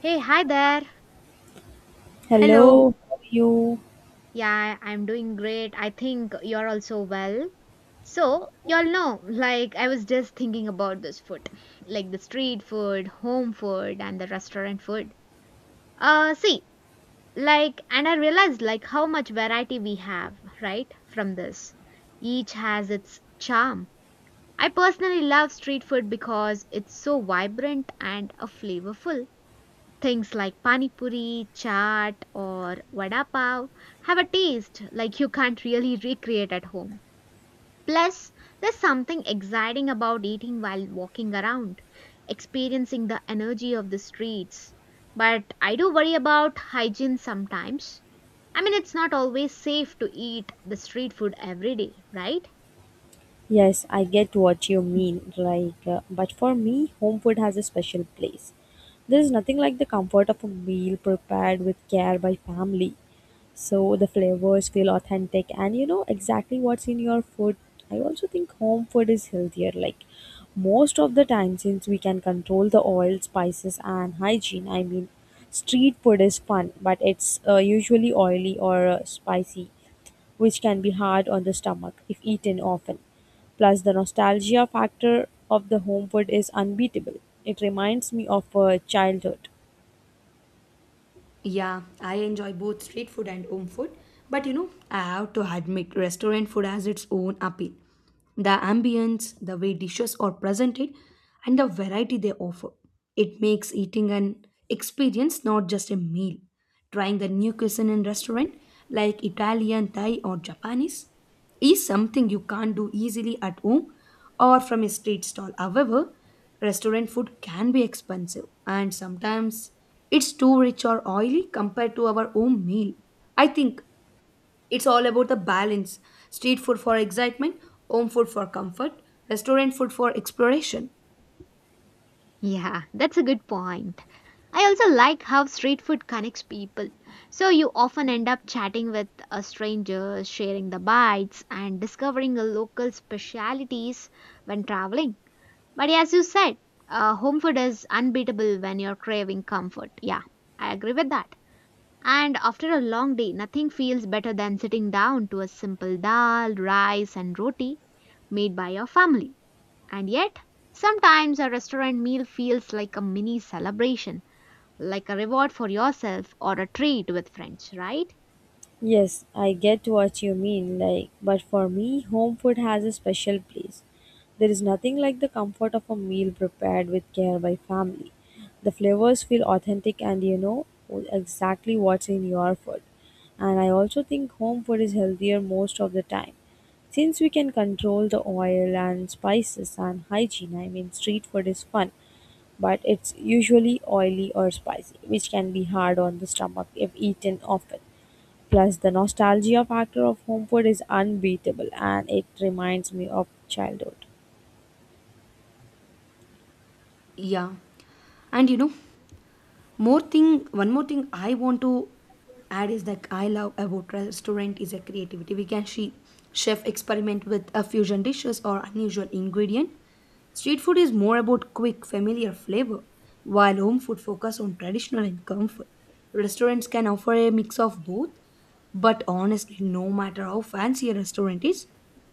Hey, hi there. Hello. Hello, how are you? Yeah, I'm doing great. I think you're also well. So, y'all know, like, I was just thinking about this food, like the street food, home food, and the restaurant food. Uh, see, like, and I realized, like, how much variety we have, right, from this. Each has its charm. I personally love street food because it's so vibrant and flavorful. Things like pani puri, chaat, or vada pav have a taste like you can't really recreate at home. Plus, there's something exciting about eating while walking around, experiencing the energy of the streets. But I do worry about hygiene sometimes. I mean, it's not always safe to eat the street food every day, right? Yes, I get what you mean. But for me, home food has a special place. There is nothing like the comfort of a meal prepared with care by family. So the flavors feel authentic, and you know exactly what's in your food. I also think home food is healthier, like, most of the time, since we can control the oil, spices and hygiene. I mean, street food is fun, but it's usually oily or spicy, which can be hard on the stomach if eaten often. Plus, the nostalgia factor of the home food is unbeatable. It reminds me of childhood. Yeah, I enjoy both street food and home food, but you know, I have to admit restaurant food has its own appeal. The ambience, the way dishes are presented, and the variety they offer. It makes eating an experience, not just a meal. Trying the new cuisine in restaurant like Italian, Thai or Japanese is something you can't do easily at home or from a street stall. However, restaurant food can be expensive and sometimes it's too rich or oily compared to our home meal. I think it's all about the balance. Street food for excitement, home food for comfort, restaurant food for exploration. Yeah, that's a good point. I also like how street food connects people. So you often end up chatting with a stranger, sharing the bites, and discovering the local specialities when traveling. But as you said, home food is unbeatable when you're craving comfort. Yeah, I agree with that. And after a long day, nothing feels better than sitting down to a simple dal, rice, and roti made by your family. And yet, sometimes a restaurant meal feels like a mini celebration, like a reward for yourself or a treat with friends, right? Yes, I get what you mean. Like, but for me, home food has a special place. There is nothing like the comfort of a meal prepared with care by family. The flavors feel authentic, and you know exactly what's in your food. And I also think home food is healthier most of the time. Since we can control the oil and spices and hygiene, I mean, street food is fun, but it's usually oily or spicy, which can be hard on the stomach if eaten often. Plus, the nostalgia factor of home food is unbeatable, and it reminds me of childhood. Yeah. And you know, one more thing I want to add is that I love about restaurant is a creativity. We can see chef experiment with a fusion dishes or unusual ingredient. Street food is more about quick, familiar flavor, while home food focuses on traditional and comfort. Restaurants can offer a mix of both, but honestly, no matter how fancy a restaurant is,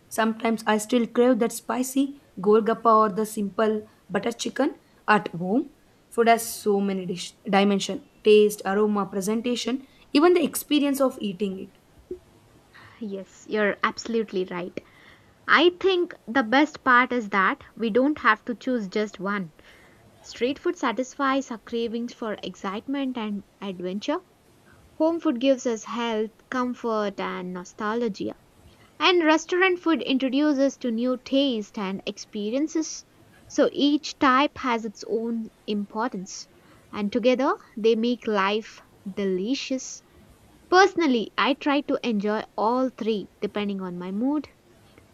sometimes I still crave that spicy golgappa or the simple butter chicken at home. Food has so many dimension, taste, aroma, presentation, even the experience of eating it. Yes, you're absolutely right. I think the best part is that we don't have to choose just one. Street food satisfies our cravings for excitement and adventure. Home food gives us health, comfort, and nostalgia. And restaurant food introduces to new taste and experiences. So each type has its own importance. And together they make life delicious. Personally, I try to enjoy all three depending on my mood.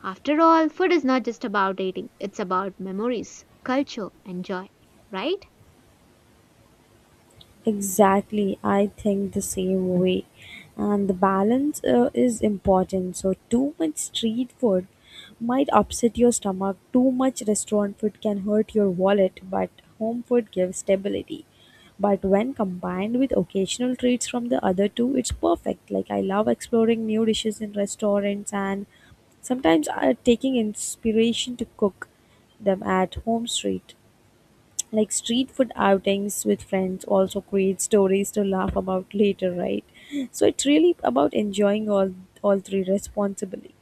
After all, food is not just about eating, it's about memories, culture, and joy, right? Exactly, I think the same way. And the balance is important. So, too much street food might upset your stomach, too much restaurant food can hurt your wallet, but home food gives stability. But when combined with occasional treats from the other two, it's perfect. Like, I love exploring new dishes in restaurants and sometimes taking inspiration to cook them at home. Street Like, street food outings with friends also create stories to laugh about later, right? So it's really about enjoying all three responsibly.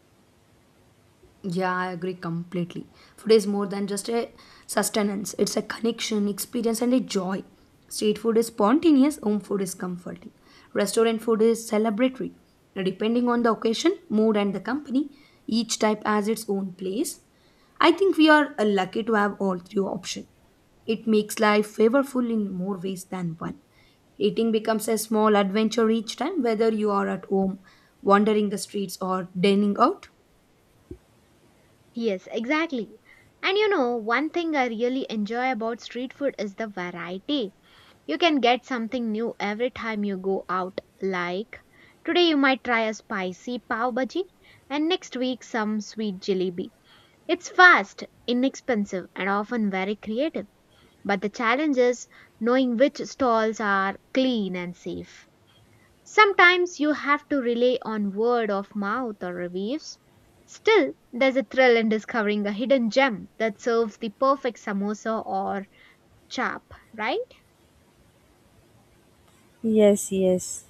Yeah, I agree completely. Food is more than just a sustenance, it's a connection, experience, and a joy. Street food is spontaneous, home food is comforting. Restaurant food is celebratory. Now, depending on the occasion, mood, and the company, each type has its own place. I think we are lucky to have all three options. It makes life flavorful in more ways than one. Eating becomes a small adventure each time, whether you are at home, wandering the streets, or dining out. Yes, exactly. And you know, one thing I really enjoy about street food is the variety. You can get something new every time you go out. Like today, you might try a spicy pav bhaji, and next week, some sweet jalebi. It's fast, inexpensive, and often very creative. But the challenge is knowing which stalls are clean and safe. Sometimes you have to rely on word of mouth or reviews. Still, there's a thrill in discovering a hidden gem that serves the perfect samosa or chap, right? Yes, yes.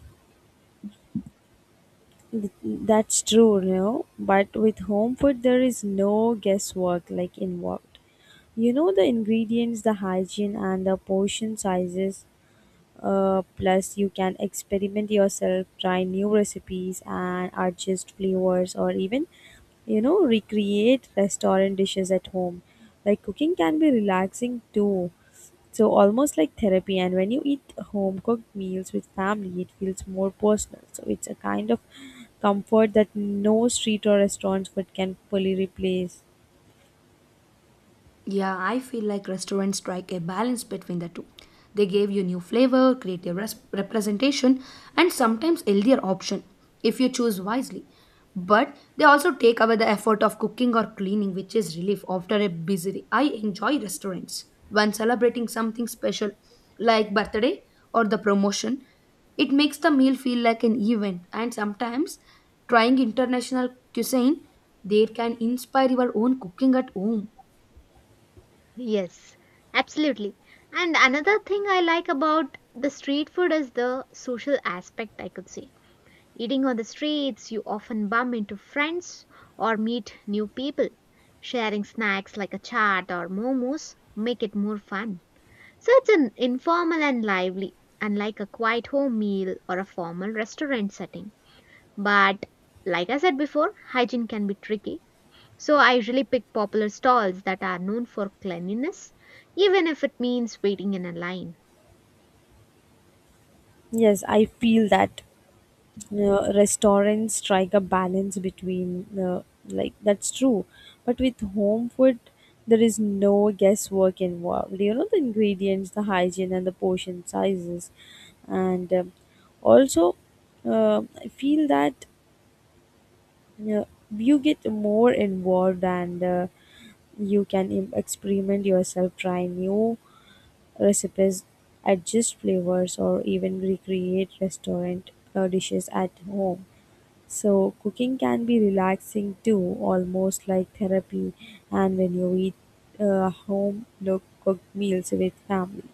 That's true, you know, but with home food there is no guesswork, like, involved. You know the ingredients, the hygiene and the portion sizes. Plus, you can experiment yourself, try new recipes, and adjust flavors, or even, you know, recreate restaurant dishes at home. Like, cooking can be relaxing too. So, almost like therapy. And when you eat home cooked meals with family, it feels more personal. So, it's a kind of comfort that no street or restaurant food can fully replace. Yeah, I feel like restaurants strike a balance between the two. They give you new flavor, creative representation, and sometimes healthier option if you choose wisely. But they also take away the effort of cooking or cleaning, which is relief after a busy day. I enjoy restaurants when celebrating something special like birthday or the promotion. It makes the meal feel like an event, and sometimes trying international cuisine, they can inspire your own cooking at home. Yes, absolutely. And another thing I like about the street food is the social aspect, I could say. Eating on the streets, you often bump into friends or meet new people. Sharing snacks like a chaat or momos make it more fun. So it's an informal and lively, unlike a quiet home meal or a formal restaurant setting. But like I said before, hygiene can be tricky. So I usually pick popular stalls that are known for cleanliness, even if it means waiting in a line. Yes, I feel that. Restaurants strike a balance between like, that's true, but with home food there is no guesswork involved. You know the ingredients, the hygiene and the portion sizes. And also, I feel that uh, you get more involved, and you can experiment yourself, try new recipes, adjust flavors, or even recreate restaurant dishes at home. So, cooking can be relaxing too, almost like therapy. And when you eat home cooked meals with family,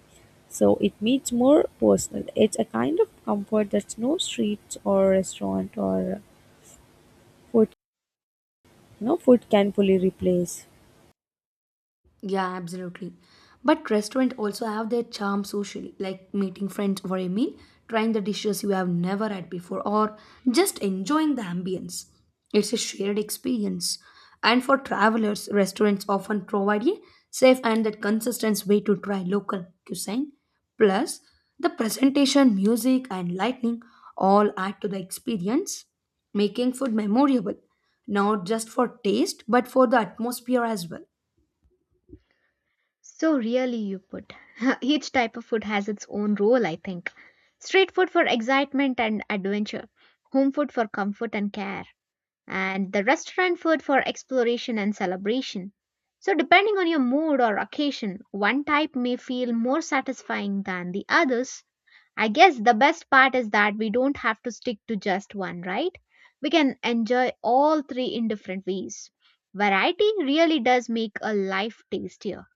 so it meets more personal. It's a kind of comfort that's no street or restaurant or food. No food can fully replace. Yeah, absolutely. But restaurant also have their charm socially, like meeting friends over a meal, trying the dishes you have never had before, or just enjoying the ambience. It's a shared experience. And for travelers, restaurants often provide a safe and that consistent way to try local cuisine. Plus, the presentation, music, and lighting all add to the experience, making food memorable, not just for taste, but for the atmosphere as well. So really you put. Each type of food has its own role, I think. Street food for excitement and adventure, home food for comfort and care, and the restaurant food for exploration and celebration. So, depending on your mood or occasion, one type may feel more satisfying than the others. I guess the best part is that we don't have to stick to just one, right? We can enjoy all three in different ways. Variety really does make a life tastier.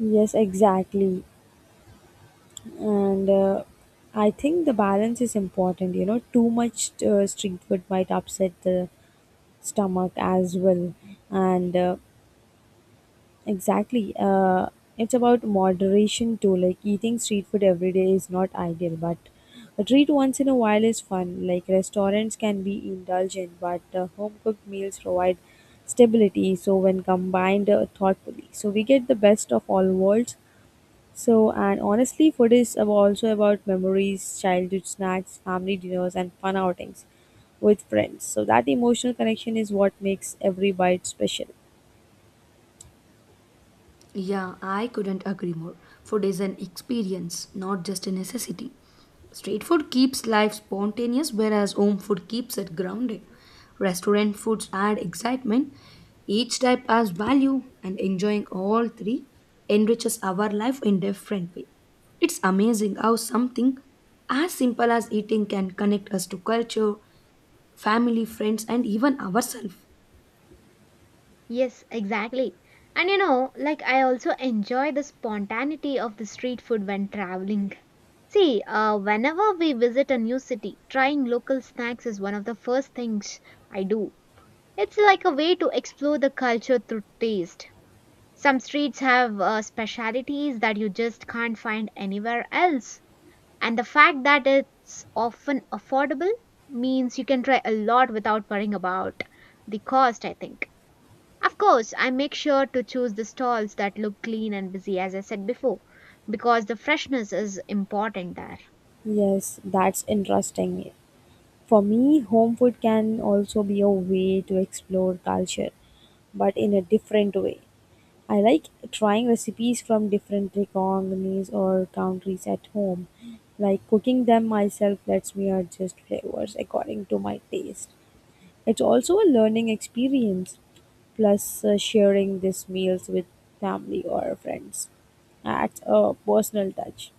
Yes, exactly. And I think the balance is important. You know, too much street food might upset the stomach as well. And Exactly. It's about moderation too. Like, eating street food every day is not ideal, but a treat once in a while is fun. Like, restaurants can be indulgent, but home cooked meals provide stability. So when combined thoughtfully, so we get the best of all worlds. So, and honestly, food is also about memories, childhood snacks, family dinners, and fun outings with friends. So that emotional connection is what makes every bite special. Yeah, I couldn't agree more. Food is an experience, not just a necessity. Street food keeps life spontaneous, whereas home food keeps it grounded. Restaurant foods add excitement. Each type has value, and enjoying all three enriches our life in different way. It's amazing how something as simple as eating can connect us to culture, family, friends, and even ourselves. Yes, exactly. And you know, like I also enjoy the spontaneity of the street food when traveling. Whenever we visit a new city, trying local snacks is one of the first things I do. It's like a way to explore the culture through taste. Some streets have specialities that you just can't find anywhere else. And the fact that it's often affordable means you can try a lot without worrying about the cost, I think. Of course, I make sure to choose the stalls that look clean and busy, as I said before, because the freshness is important there. Yes, that's interesting. For me, home food can also be a way to explore culture, but in a different way. I like trying recipes from different economies or countries at home. Like, cooking them myself lets me adjust flavors according to my taste. It's also a learning experience. Plus, sharing these meals with family or friends adds a personal touch.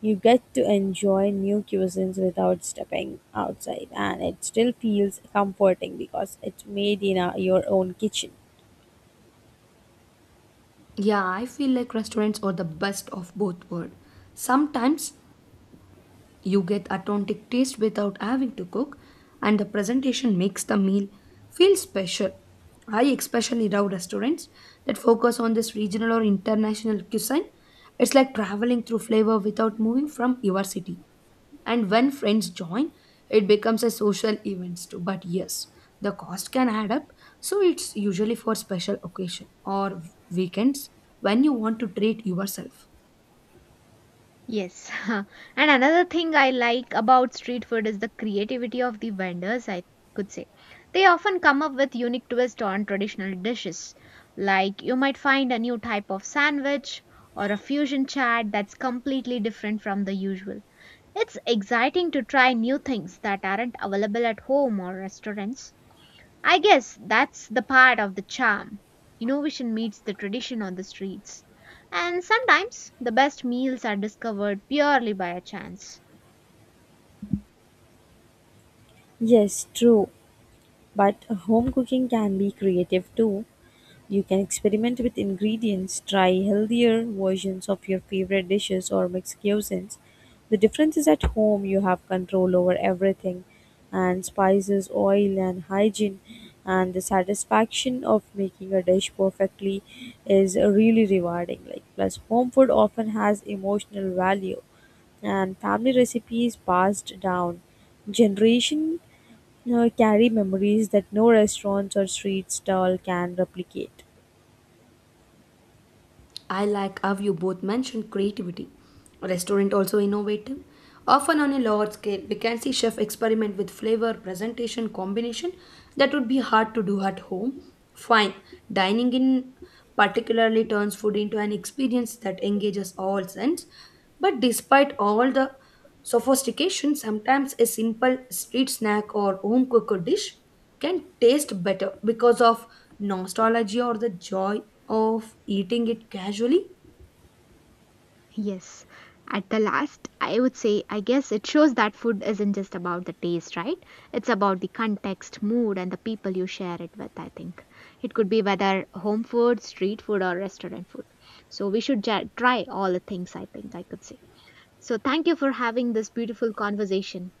You get to enjoy new cuisines without stepping outside, and it still feels comforting because it's made in a, your own kitchen. Yeah, I feel like restaurants are the best of both worlds. Sometimes you get authentic taste without having to cook, and the presentation makes the meal feel special. I especially love restaurants that focus on this regional or international cuisine. It's like traveling through flavor without moving from your city. And when friends join, it becomes a social event too. But yes, the cost can add up, so it's usually for special occasion or weekends when you want to treat yourself. Yes. And another thing I like about street food is the creativity of the vendors, I could say. They often come up with unique twists on traditional dishes. Like you might find a new type of sandwich or a fusion chat that's completely different from the usual. It's exciting to try new things that aren't available at home or restaurants. I guess that's the part of the charm. Innovation meets the tradition on the streets. And sometimes the best meals are discovered purely by a chance. Yes, true, but home cooking can be creative too. You can experiment with ingredients, try healthier versions of your favorite dishes or mix cuisines. The difference is at home you have control over everything, and spices, oil and hygiene and the satisfaction of making a dish perfectly is really rewarding. Like, plus home food often has emotional value, and family recipes passed down generation carry memories that no restaurants or street stall can replicate. I like how you both mentioned creativity. Restaurant also innovative. Often on a large scale, we can see chef experiment with flavor, presentation, combination that would be hard to do at home. Fine, dining in particularly turns food into an experience that engages all sense. But despite all the sophistication, sometimes a simple street snack or home cooked dish can taste better because of nostalgia or the joy of eating it casually. Yes. At the last, I would say, I guess it shows that food isn't just about the taste, right? It's about the context, mood, and the people you share it with, I think. It could be whether home food, street food, or restaurant food. So we should try all the things, I think, I could say. So thank you for having this beautiful conversation.